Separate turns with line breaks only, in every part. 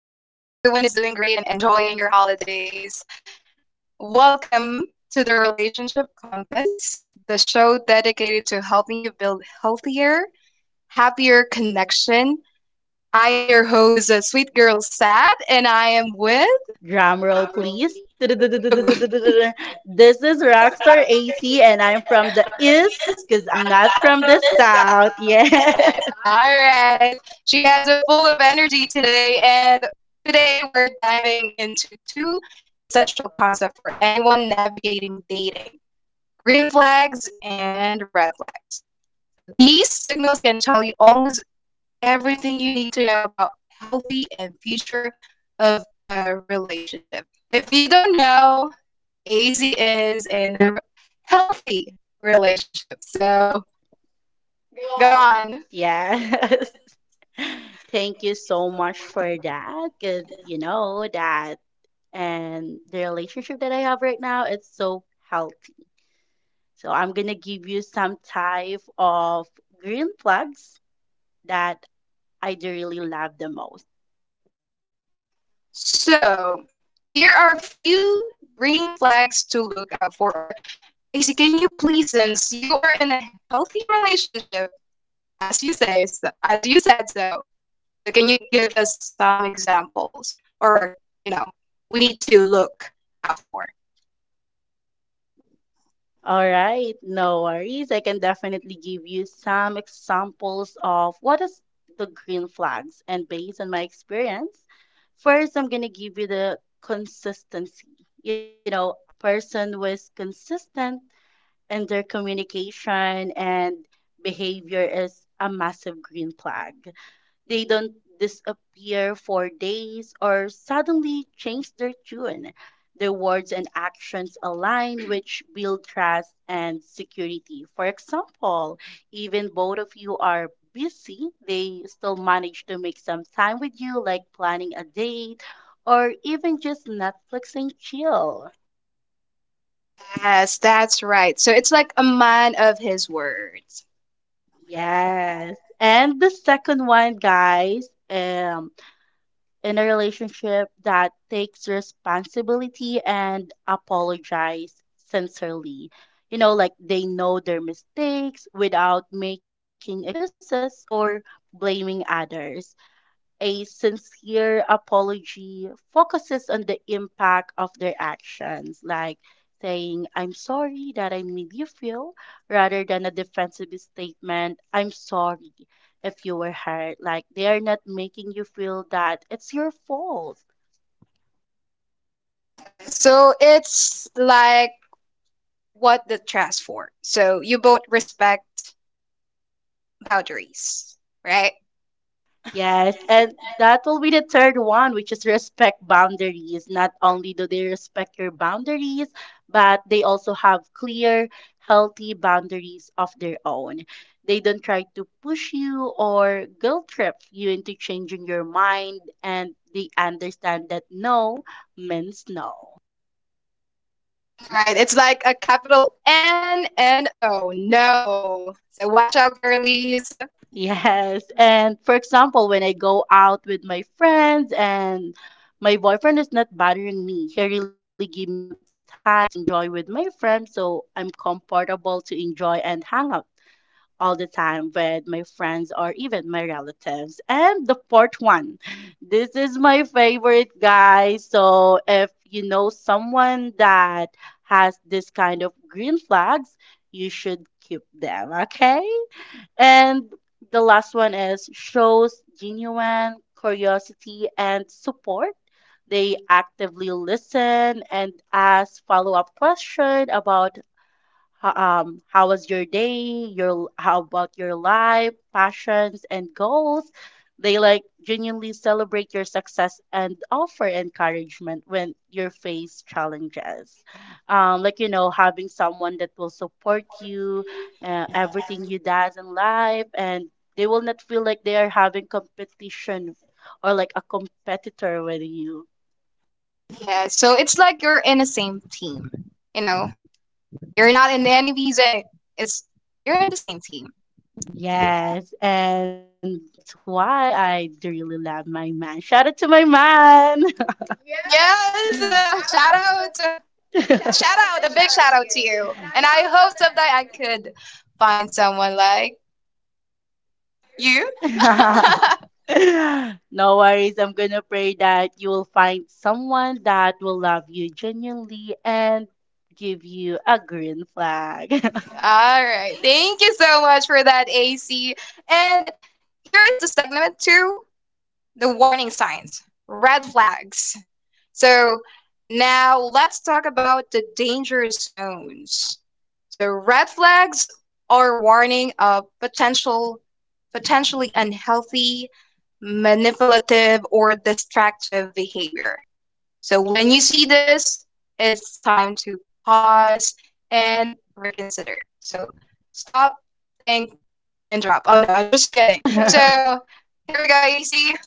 doing great and enjoying your holidays. Welcome to the Relationship Compass, the show dedicated to helping you build healthier, happier connection. I am your host, Sweet Girl Sad, and I am with.
Drum roll, please. This
All
is Rockstar AC, and I'm from the East because I'm not from the South. Yes,
right. She has a full of energy today, and today we're diving into two essential concepts for anyone navigating dating green flags and red flags. So these signals can tell you almost everything you need to know about healthy and future of a relationship. If you don't know, AZ is in a healthy relationship. So go on.
yes. Thank you so much for that because you know that, and the relationship that I have right now, it's so healthy. So I'm gonna give you some type of green plugs that I do really love the most.
So here are few green flags to look out for. Or AZ, can you please, since you are in a healthy relationship, as you say, so, as you said so, can you give us some examples or, you know, we need to look out for?
All right, no worries. I can definitely give you some examples of what is the green flags and based on my experience. First, I'm going to give you the consistency. You know, a person who is consistent in their communication and behavior is a massive green flag. They don't disappear for days or suddenly change their tune. Their words and actions align, which build trust and security. For example, even both of you are busy, they still manage to make some time with you, like planning a date or even just Netflix and chill.
Yes, that's right. So it's like a man of his words.
Yes. And the second one, guys, in a relationship that takes responsibility and apologize sincerely. You know, like they know their mistakes without making excuses or blaming others a sincere apology focuses on the impact of their actions, like saying, I'm sorry that I made you feel, rather than a defensive statement, I'm sorry if you were hurt. Like they are not making you feel that it's your fault.
So it's like what the trust for. So you both respect boundaries, right?
Yes, and that will be the third one, which is respect boundaries. Not only do they respect your boundaries, but they also have clear, healthy boundaries of their own. They don't try to push you or guilt trip you into changing your mind, and they understand that no means no.
Right. It's like a capital N and O. No. So watch out, girlies.
Yes. And for example, when I go out with my friends and my boyfriend is not bothering me, he really give me some time to enjoy with my friends, so I'm comfortable to enjoy and hang out all the time with my friends or even my relatives. And the fourth one, this is my favorite, guys. So if you know someone that has this kind of green flags, you should keep them, okay? And the last one is shows genuine curiosity and support. They actively listen and ask follow-up question about how was your day? Your how about your life, passions, and goals? They like genuinely celebrate your success and offer encouragement when you face challenges. Like you know, having someone that will support you, everything you does in life, and they will not feel like they are having competition or like a competitor with you.
Yeah. So it's like you're in the same team. You know, you're not in the enemies. It's you're in the same team.
Yes, and that's why I do really love my man. Shout out to my man.
Yes, shout out, a big shout out to you. And I hope someday I could find someone like you.
No worries. I'm gonna pray that you will find someone that will love you genuinely and give you a green flag.
All right, thank you so much for that, AC. And here is the segment two, the warning signs, red flags. So now let's talk about the danger zones. So red flags are warning of potential potentially unhealthy, manipulative or distractive behavior. So when you see this, it's time to pause and reconsider. So stop, think and drop. Oh no, I'm just kidding. So here we go, AC.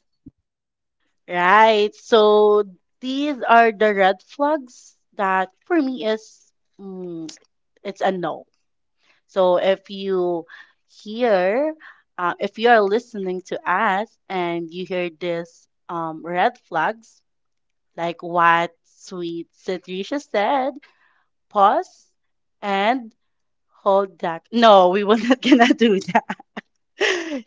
Right. So these are the red flags that for me is mm, it's a no. So if you hear, if you are listening to us and you hear this red flags, like what sweet Citrisha said, pause and hold that. No, we will not gonna do that.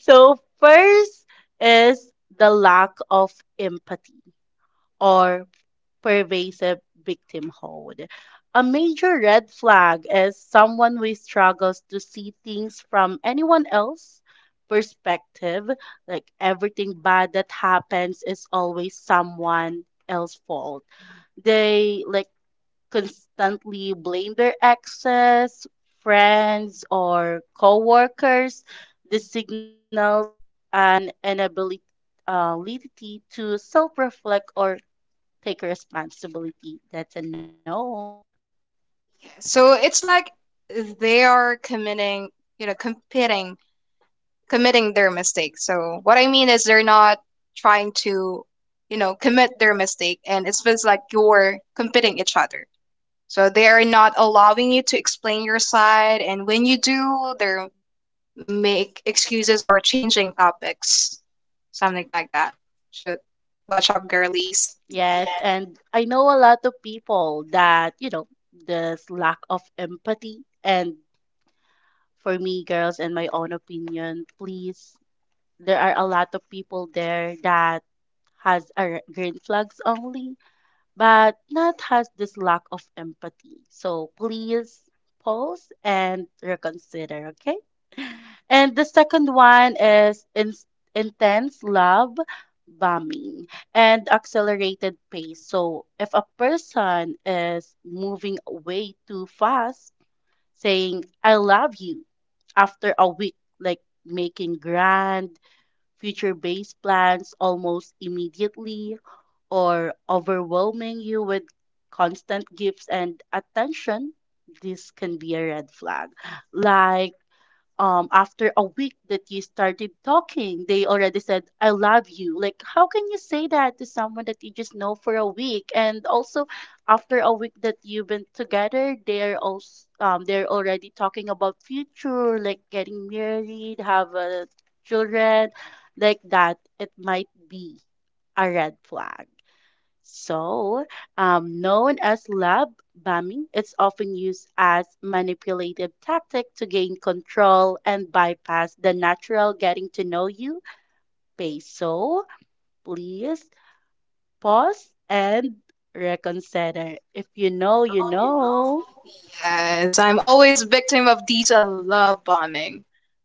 So first is the lack of empathy or pervasive victimhood. A major red flag is someone who struggles to see things from anyone else's perspective. Like everything bad that happens is always someone else's fault. They like constantly blame their exes, friends, or coworkers. This signals an inability ability to self-reflect or take responsibility. That's a no.
So it's like they are committing, you know, committing their mistake. So what I mean is they're not trying to, you know, commit their mistake, and it feels like you're competing each other. So they are not allowing you to explain your side, and when you do, they're make excuses or changing topics, something like that. So watch out, girlies.
Yes, and I know a lot of people that, you know, this lack of empathy. And for me, girls, in my own opinion, please, there are a lot of people there that green flags only, but not has this lack of empathy. So please pause and reconsider, okay? And the second one is in intense love bombing and accelerated pace. So if a person is moving way too fast, saying, I love you after a week, like making grand future based plans almost immediately or overwhelming you with constant gifts and attention, this can be a red flag. Like after a week that you started talking they already said I love you like how can you say that to someone that you just know for a week and also after a week that you've been together they're also they're already talking about future like getting married have children like that it might be a red flag so, known as love bombing, it's often used as manipulative tactic to gain control and bypass the natural getting to know you phase. So, please pause and reconsider. If you know, you know.
Yes, I'm always victim of these love bombing.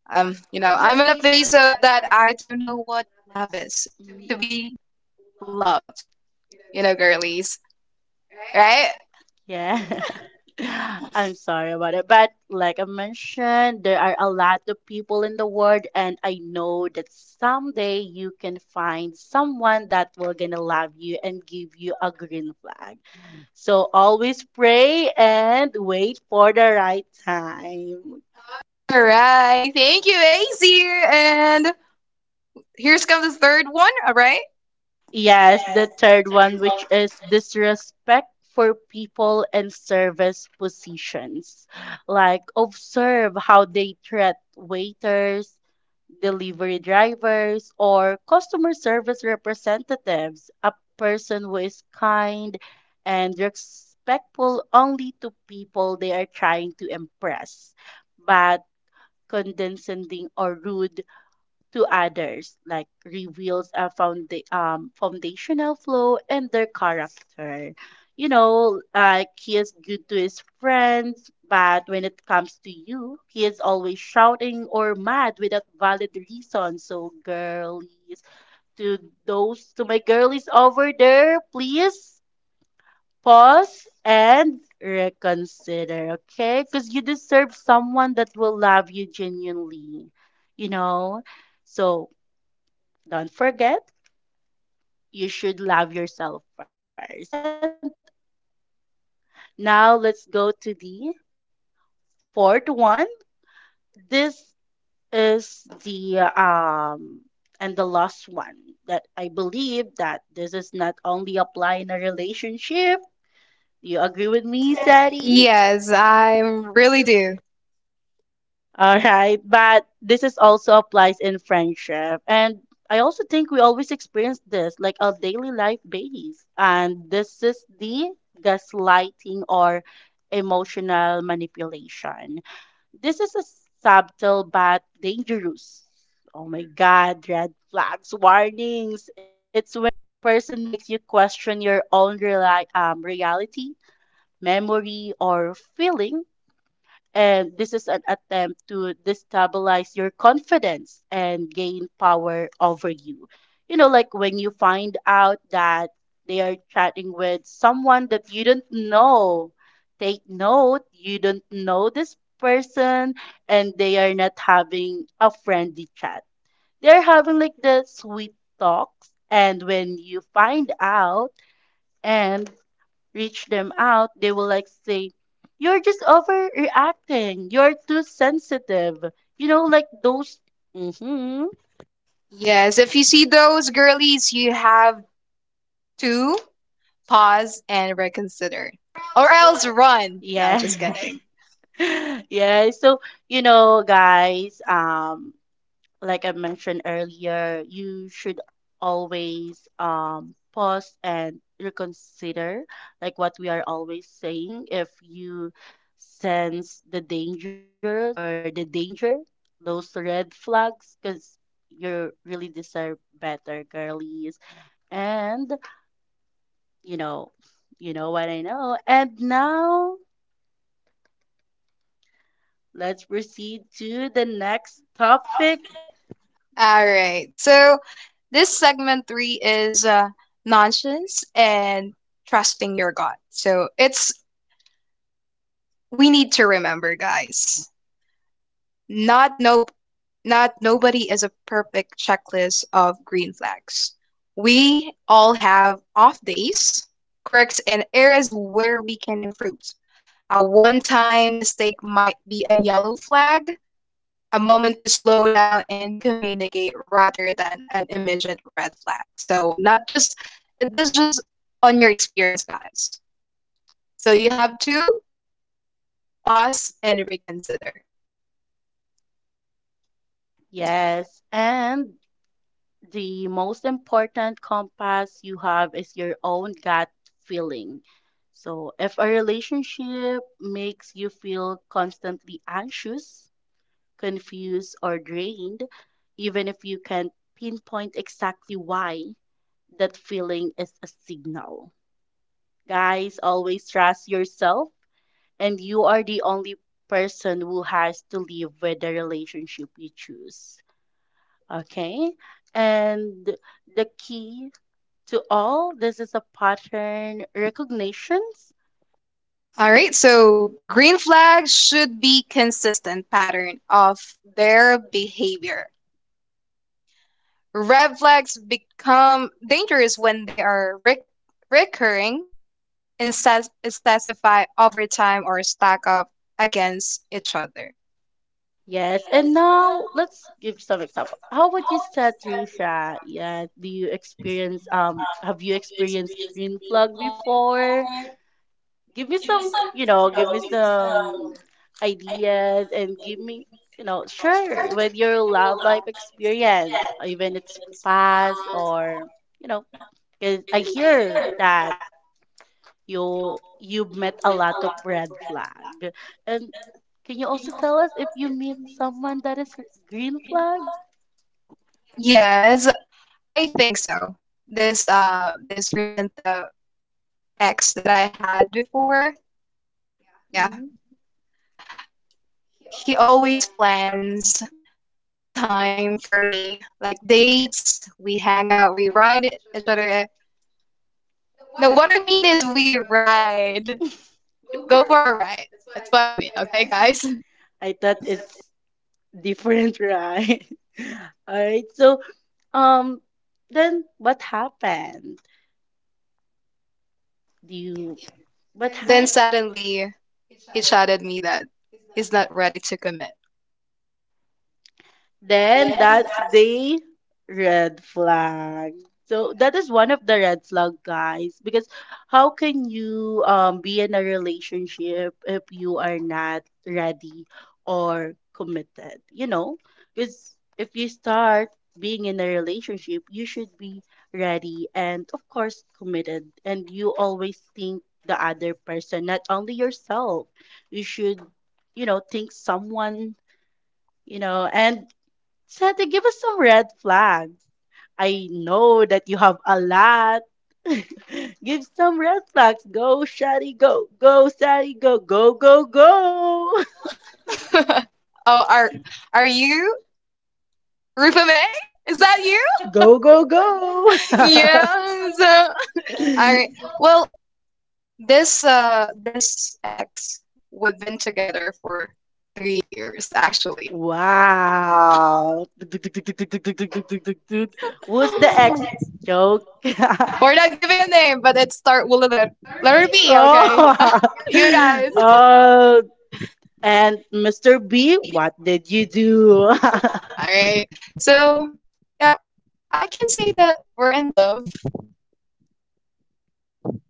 You know, I'm in a phase of that I don't know what love is. To
Mm.
be loved, you know, girlies, right?
Yeah. I'm sorry about it. But like I mentioned, there are a lot of people in the world, and I know that someday you can find someone that will gonna love you and give you a green flag. So always pray and wait for the right time.
All right, thank you, Azir. And here's come the third one, all right?
Yes, the third one, which is disrespect for people in service positions. Like, observe how they treat waiters, delivery drivers, or customer service representatives, a person who is kind and respectful only to people they are trying to impress, but condescending or rude to others, like reveals a foundational flaw in their character. You know, like he is good to his friends, but when it comes to you, he is always shouting or mad without valid reason. So, girlies, to those, to my girlies over there, please pause and reconsider, okay? Because you deserve someone that will love you genuinely, you know? So, don't forget, you should love yourself first. And now let's go to the fourth one. This is the and the last one that I believe that this is not only apply in a relationship. Do you agree with me, Sadie?
Yes, I really do.
All right, but this is also applies in friendship. And I also think we always experience this, like our daily life base. And this is the gaslighting or emotional manipulation. This is a subtle but dangerous. Oh my God, red flags, warnings. It's when a person makes you question your own reality, memory, or feelings and this is an attempt to destabilize your confidence and gain power over you. You know, like when you find out that they are chatting with someone that you don't know. Take note, you don't know this person and they are not having a friendly chat. They're having like the sweet talks. And when you find out, and reach them out, they will like say, you're just overreacting. You're too sensitive. You know, like those. Mm-hmm.
Yes, if you see those girlies, you have to pause and reconsider, or else run. No, just
Yes.
kidding.
Yeah. So, you know, guys, like I mentioned earlier, you should always pause and reconsider like what we are always saying. If you sense the dangers or the danger, those red flags, because you really deserve better, girlies. And you know, you know what I know. And now let's proceed to the next topic.
All right. So this segment three is nonsense and trusting your gut. So it's we need to remember, guys. Not no, not nobody is a perfect checklist of green flags. We all have off days, quirks, and areas where we can improve. A one-time mistake might be a yellow flag, a moment to slow down and communicate rather than an immediate red flag. So not just this just on your experience, guys. So you have to pause and reconsider.
Yes, and the most important compass you have is your own gut feeling. So, if a relationship makes you feel constantly anxious, confused, or drained, even if you can't pinpoint exactly why, that feeling is a signal. Guys, always trust yourself, and you are the only person who has to live with the relationship you choose. Okay? And the key to all. This is a pattern recognitions.
All right, so green flags should be consistent pattern of their behavior. Red flags become dangerous when they are recurring and specify over time or stack up against each other.
Yes, and now let's give some example. How would you say, Trisha? Yeah, do you experience have you experienced green flag before? Give me some, you know, give me some ideas and give me, you know, sure, with your love life experience, even it's past or you know, 'cause I hear that you've met a lot of red flag. And can you also tell us if you meet someone that is green flag?
Yes, I think so. This this recent ex that I had before, yeah,
Mhm.
he always plans time for me, like dates. We hang out, we ride each other. No, what I mean is we ride, go for a ride. That's what I mean, okay, guys?
I thought it's different, right? All right. So, um, then what happened? Do you what
Then
happened?
suddenly he shouted me that he's not ready to commit.
Then that's the red flag. So that is one of the red flag, guys, because how can you be in a relationship if you are not ready or committed? You know, because if you start being in a relationship, you should be ready and of course committed, and you always think the other person, not only yourself. You should, you know, think someone, you know, and Santa, give us some red flags. I know that you have a lot. give some red flags. Go, Shadi, go. Go, Shadi, go. Go, go, go.
Oh, are you Rupa May? Is that you?
go, go, go.
Yes. All right. Well, this this ex we've been together for 3 years actually.
wow. Who's the ex joke?
We're not giving a name, but it start with a letter B, okay?
Oh.
you guys.
oh. And Mr. B, what did you do?
Alright. So yep, I can say that we're in love.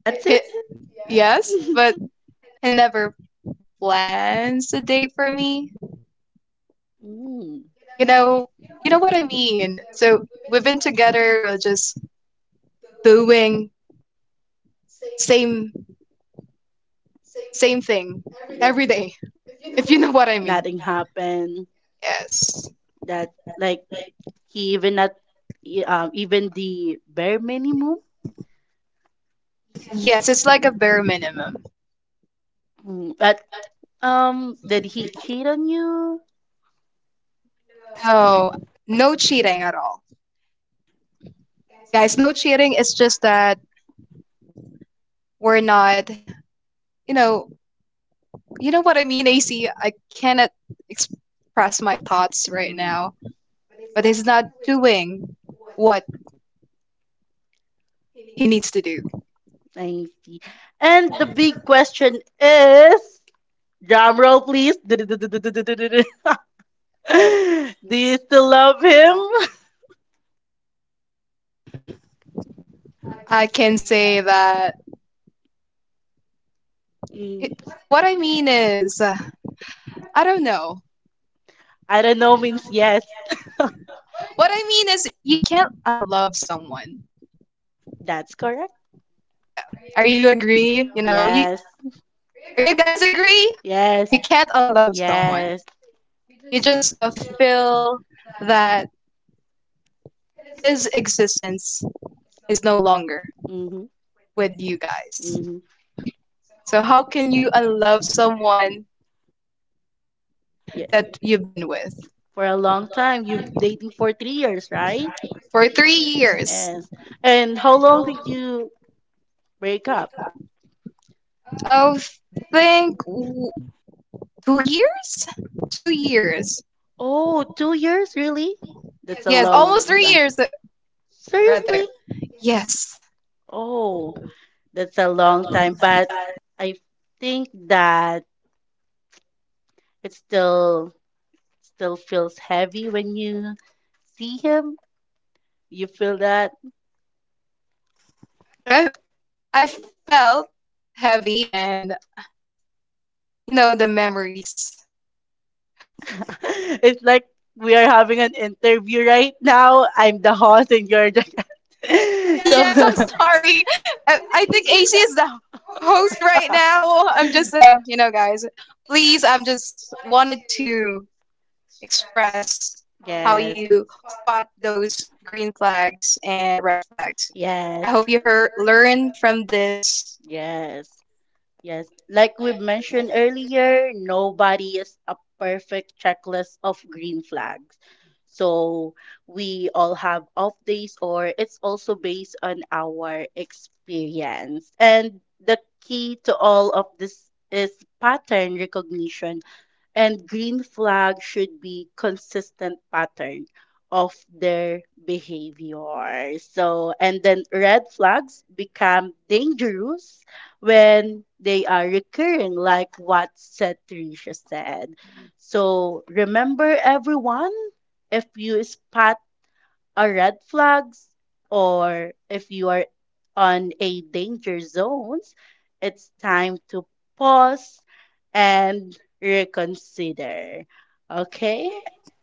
That's
He,
it.
yes, but he never plans a date for me.
Mm.
You know you know what I mean. So we've been together, we're just doing same same thing every day, if you know what I mean.
Nothing happened.
Yes.
That like he even not even the bare minimum.
Yes, it's like a bare minimum.
Mm. But did he cheat on you?
So, no cheating at all. Guys, no cheating. It's just that we're not, you know, you know what I mean, AC? I cannot express my thoughts right
Mm,
now, but he's not doing what he needs to do.
I see. And the big question is, drum roll, please. Do you still love him?
I can say that.
Mm,
What I mean is, I don't know.
I don't know means yes.
What I mean is, you can't unlove someone.
That's correct.
Are you agree? You know, you
Yes.
are you guys agree?
Yes.
You can't unlove someone.
Yes.
You just feel that his existence is no longer
Mm-hmm.
with you guys.
Mm-hmm.
So how can you unlove someone
Yeah.
that you've been with
For a long time, you dating for 3 years, right?
for 3 years?
Yes. And how long did you break up?
I think 2 years, 2 years.
Oh, 2 years, really? That's a
Yes,
long
almost
time.
3 years
Seriously?
rather. Yes,
Oh, that's a long time, but I think that it still feels heavy when you see him. You feel that?
I I felt heavy and you know the memories.
It's like we are having an interview right now. I'm the host and you're the
Yes, I'm sorry. I think AC is the host right
So
now. I'm just, you know, guys, please, I'm just wanted to express how
Yes.
you spot those green flags and red flags. I
Yes.
hope you heard, learn from this.
Yes. Yes, like we mentioned earlier, nobody is a perfect checklist of green flags. So we all have off days, or it's also based on our experience. And the key to all of this is pattern recognition, and green flag should be consistent pattern of their behavior. So, and then red flags become dangerous when they are recurring, like what said Tricia said. So remember everyone, if you spot are red flags or if you are on a danger zones, it's time to pause and reconsider. Okay?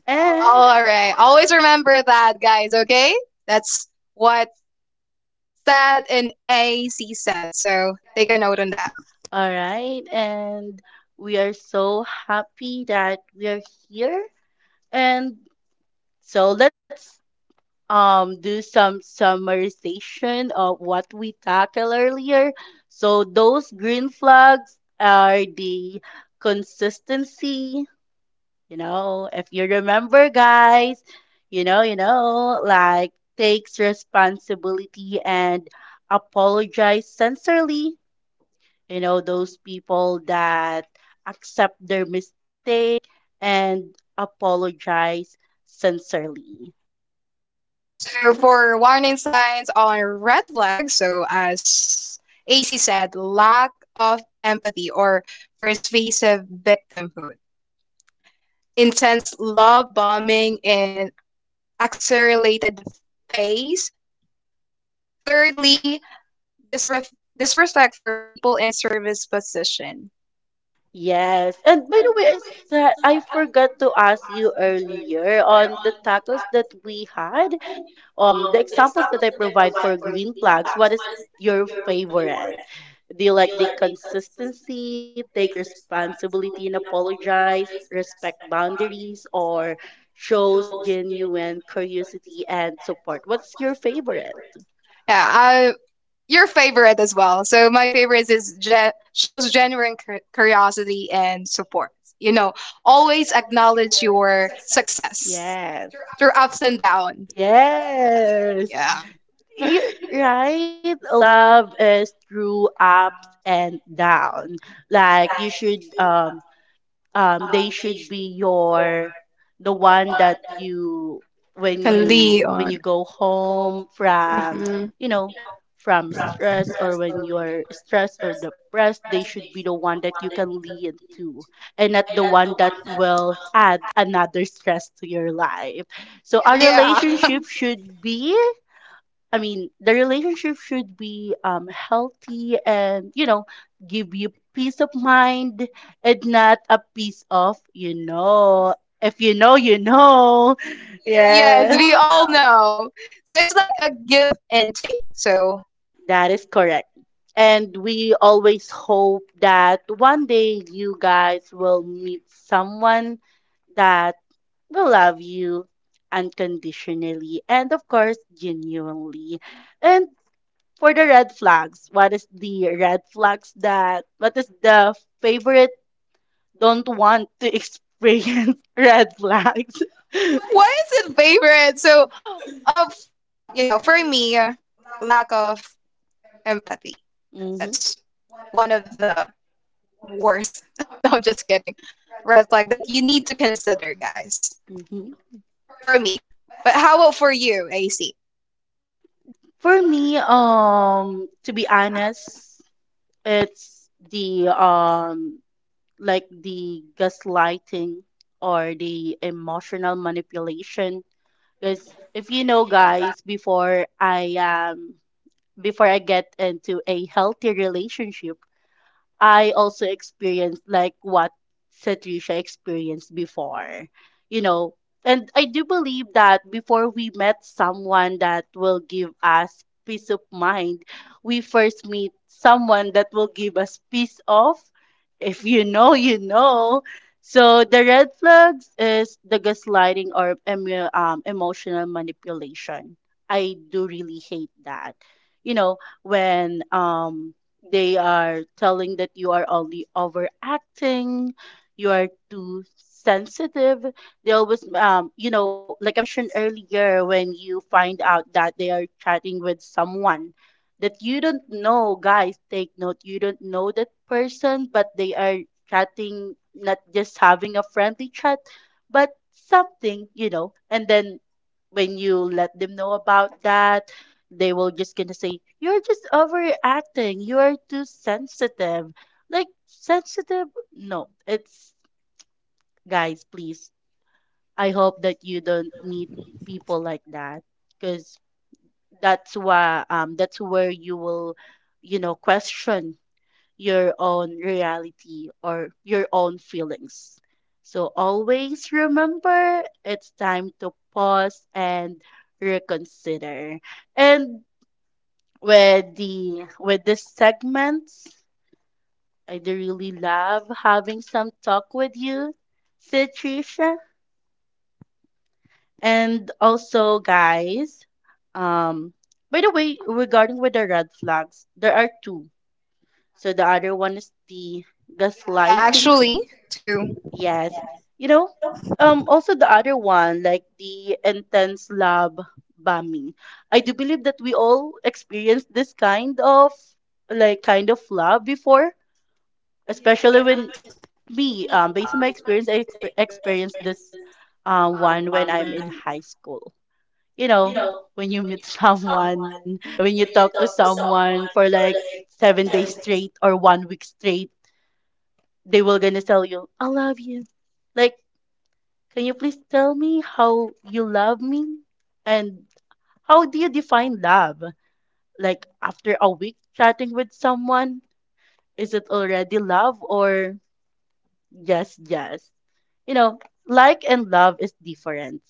And
All right. Always remember that, guys, okay? That's what Sad and AC said. So take a note on that.
all right, and we are so happy that we are here. And so let's do some summarization of what we tackled earlier. So those green flags are the consistency, you know, if you remember guys, you know, like takes responsibility and apologize sincerely, you know, those people that accept their mistake and apologize sincerely.
So for warning signs on red flags, so as AC said, lack of empathy or persuasive victimhood, intense love bombing in accelerated phase. Thirdly, disref- disrespect for people in service position.
Yes. And by the way, is that I forgot to ask you earlier on the tacos that we had, the examples that I provide for green flags, what is your favorite? Do you like the consistency, takes responsibility and apologize, respect boundaries, or shows genuine curiosity and support? What's your favorite?
Yeah, I, your favorite as well. So my favorite is shows genuine curiosity and support. You know, always acknowledge your success
Yes.
through ups and downs. Uh,
Yes.
yeah.
You're right. Love is through ups and down. Like you should they should be your the one that you
Kali
when
on.
you go home from
Mhm.
you know from stress or when you're stressed or depressed, they should be the one that you can lean to and not the one that will add another stress to your life. So a
Yeah.
relationship should be I mean, the relationship should be healthy and, you know, give you peace of mind and not a piece of, you know, if you know, you know.
Yes,
Yes.
we all know. So it's like a give and take. So
That is correct. And we always hope that one day you guys will meet someone that will love you unconditionally and, of course, genuinely. And for the red flags, what is the red flags that, what is the favorite don't want to experience red flags?
why is it favorite? So of you know, for me, lack of empathy.
Mm-hmm.
That's one of the worst. No, just kidding. Red flag that you need to consider, guys.
Mm-hmm.
For me. But how about for you, AC?
For me, to be honest, it's the like the gaslighting or the emotional manipulation. Because if you know, guys, before I get into a healthy relationship, I also experienced like what Satricia experienced before, you know. And I do believe that before we met someone that will give us peace of mind, we first meet someone that will give us peace of. If you know, you know. So the red flags is the gaslighting or emotional manipulation. I do really hate that. You know, when they are telling that you are only overacting, you are too sensitive. They always, you know, like I mentioned earlier, when you find out that they are chatting with someone that you don't know, guys, take note, you don't know that person, but they are chatting, not just having a friendly chat, but something, you know, and then when you let them know about that, they will just gonna say, you're just overacting, you are too sensitive. Like sensitive? No, it's guys, please. I hope that you don't meet people like that because that's why that's where you will, you know, question your own reality or your own feelings. So always remember it's time to pause and reconsider. And with the with this segment. I do really love having some talk with you, said Trisha. And also, guys, um, by the way, regarding with the red flags, there are two. So the other one is the
Yeah,
gaslighting.
actually, to
Yes. You know, also the other one, like the intense love bombing. I do believe that we all experienced this kind of kind of love before, especially when me, based on my experience, I experienced this one when I'm in high school. You know, when you meet someone, when you talk to someone for like 7 days straight or one week straight, they will gonna tell you, I love you. Like, can you please tell me how you love me? And how do you define love? Like, after a week chatting with someone, is it already love or yes, yes. You know, like and love is different.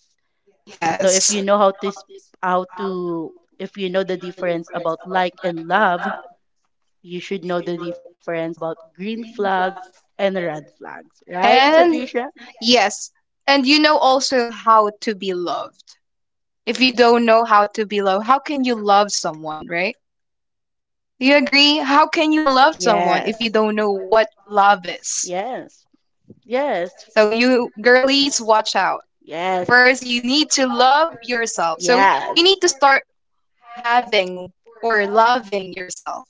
So if you
yes.
know how to if you know the difference about like and love, you should know the difference about green flags and red flags, right,
And
Satricia?
yes. And you know also how to be loved. If you don't know how to be loved, how can you love someone, right? Do you agree? How can you love someone if you
Yes.
don't know what love is?
Yes. Yes.
So you girlies, watch out.
Yes.
First, you need to love yourself. So you
Yes.
need to start having or loving yourself.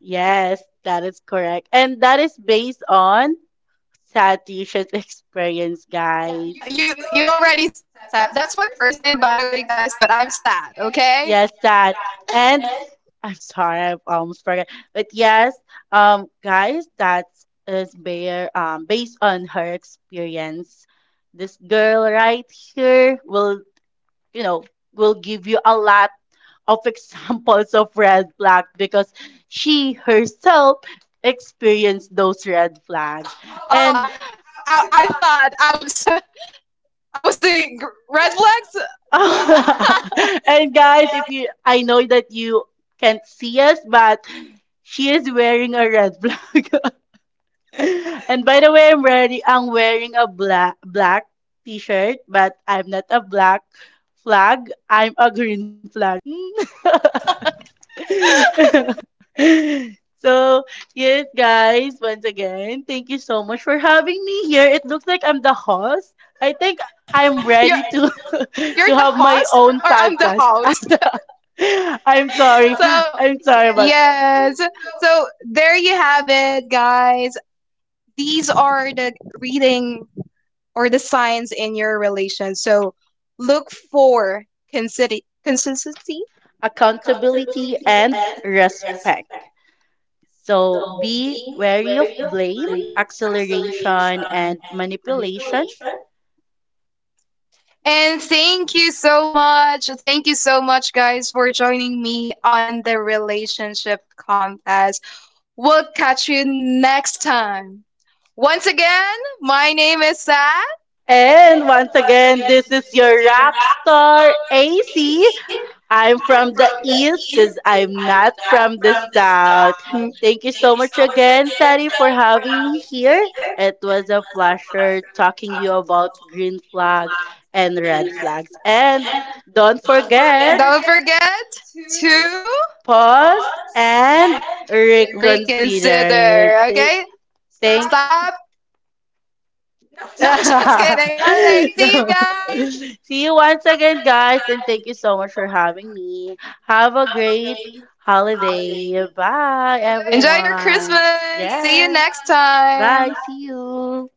Yes, that is correct. And that is based on Sad you should experience, yeah, guys.
You already that's my first name by the way, guys, but I'm sad, okay?
Yes, sad. And I'm sorry, I almost forgot. But yes, guys, that is bare based on her experience. This girl right here will, you know, will give you a lot of examples of red flag because she herself experienced those red flags.
Oh,
And
I thought I was I was the red flags.
and guys, if you, I know that you can't see us, but she is wearing a red flag. And by the way, I'm ready. I'm wearing a black t-shirt, but I'm not a black flag. I'm a green flag. So, yes, guys, once again, thank you so much for having me here. It looks like I'm the host. I think I'm
you're
ready to to
you're the
have my
host,
own
or I'm the
podcast.
host.
I'm sorry.
So
I'm sorry about
yes. So there you have it, guys. These are the reading or the signs in your relation. So look for consistency. Consistency.
accountability and respect. So, be wary of blame, acceleration, and manipulation.
And thank you so much. Thank you so much, guys, for joining me on the relationship contest. We'll catch you next time. Once again, my name is Sad.
And once again, this is your rock star, AC. I'm
From
from the
from the
East because
east,
I'm
I'm
not
not
from the
from the
South.
south.
Thank you so much again, Sari, for having me here. It was a pleasure talking you about green flags and red flags. And don't
Okay?
forget,
Don't forget to
pause and reconsider.
reconsider,
Th-
okay?
thank
Stop. No, just kidding. All right. See you
no.
guys.
See you once again, guys, and thank you so much for having me. Have a great holiday. Bye,
Enjoy your
everyone.
Christmas. See you
Yes.
next time.
Bye. See you.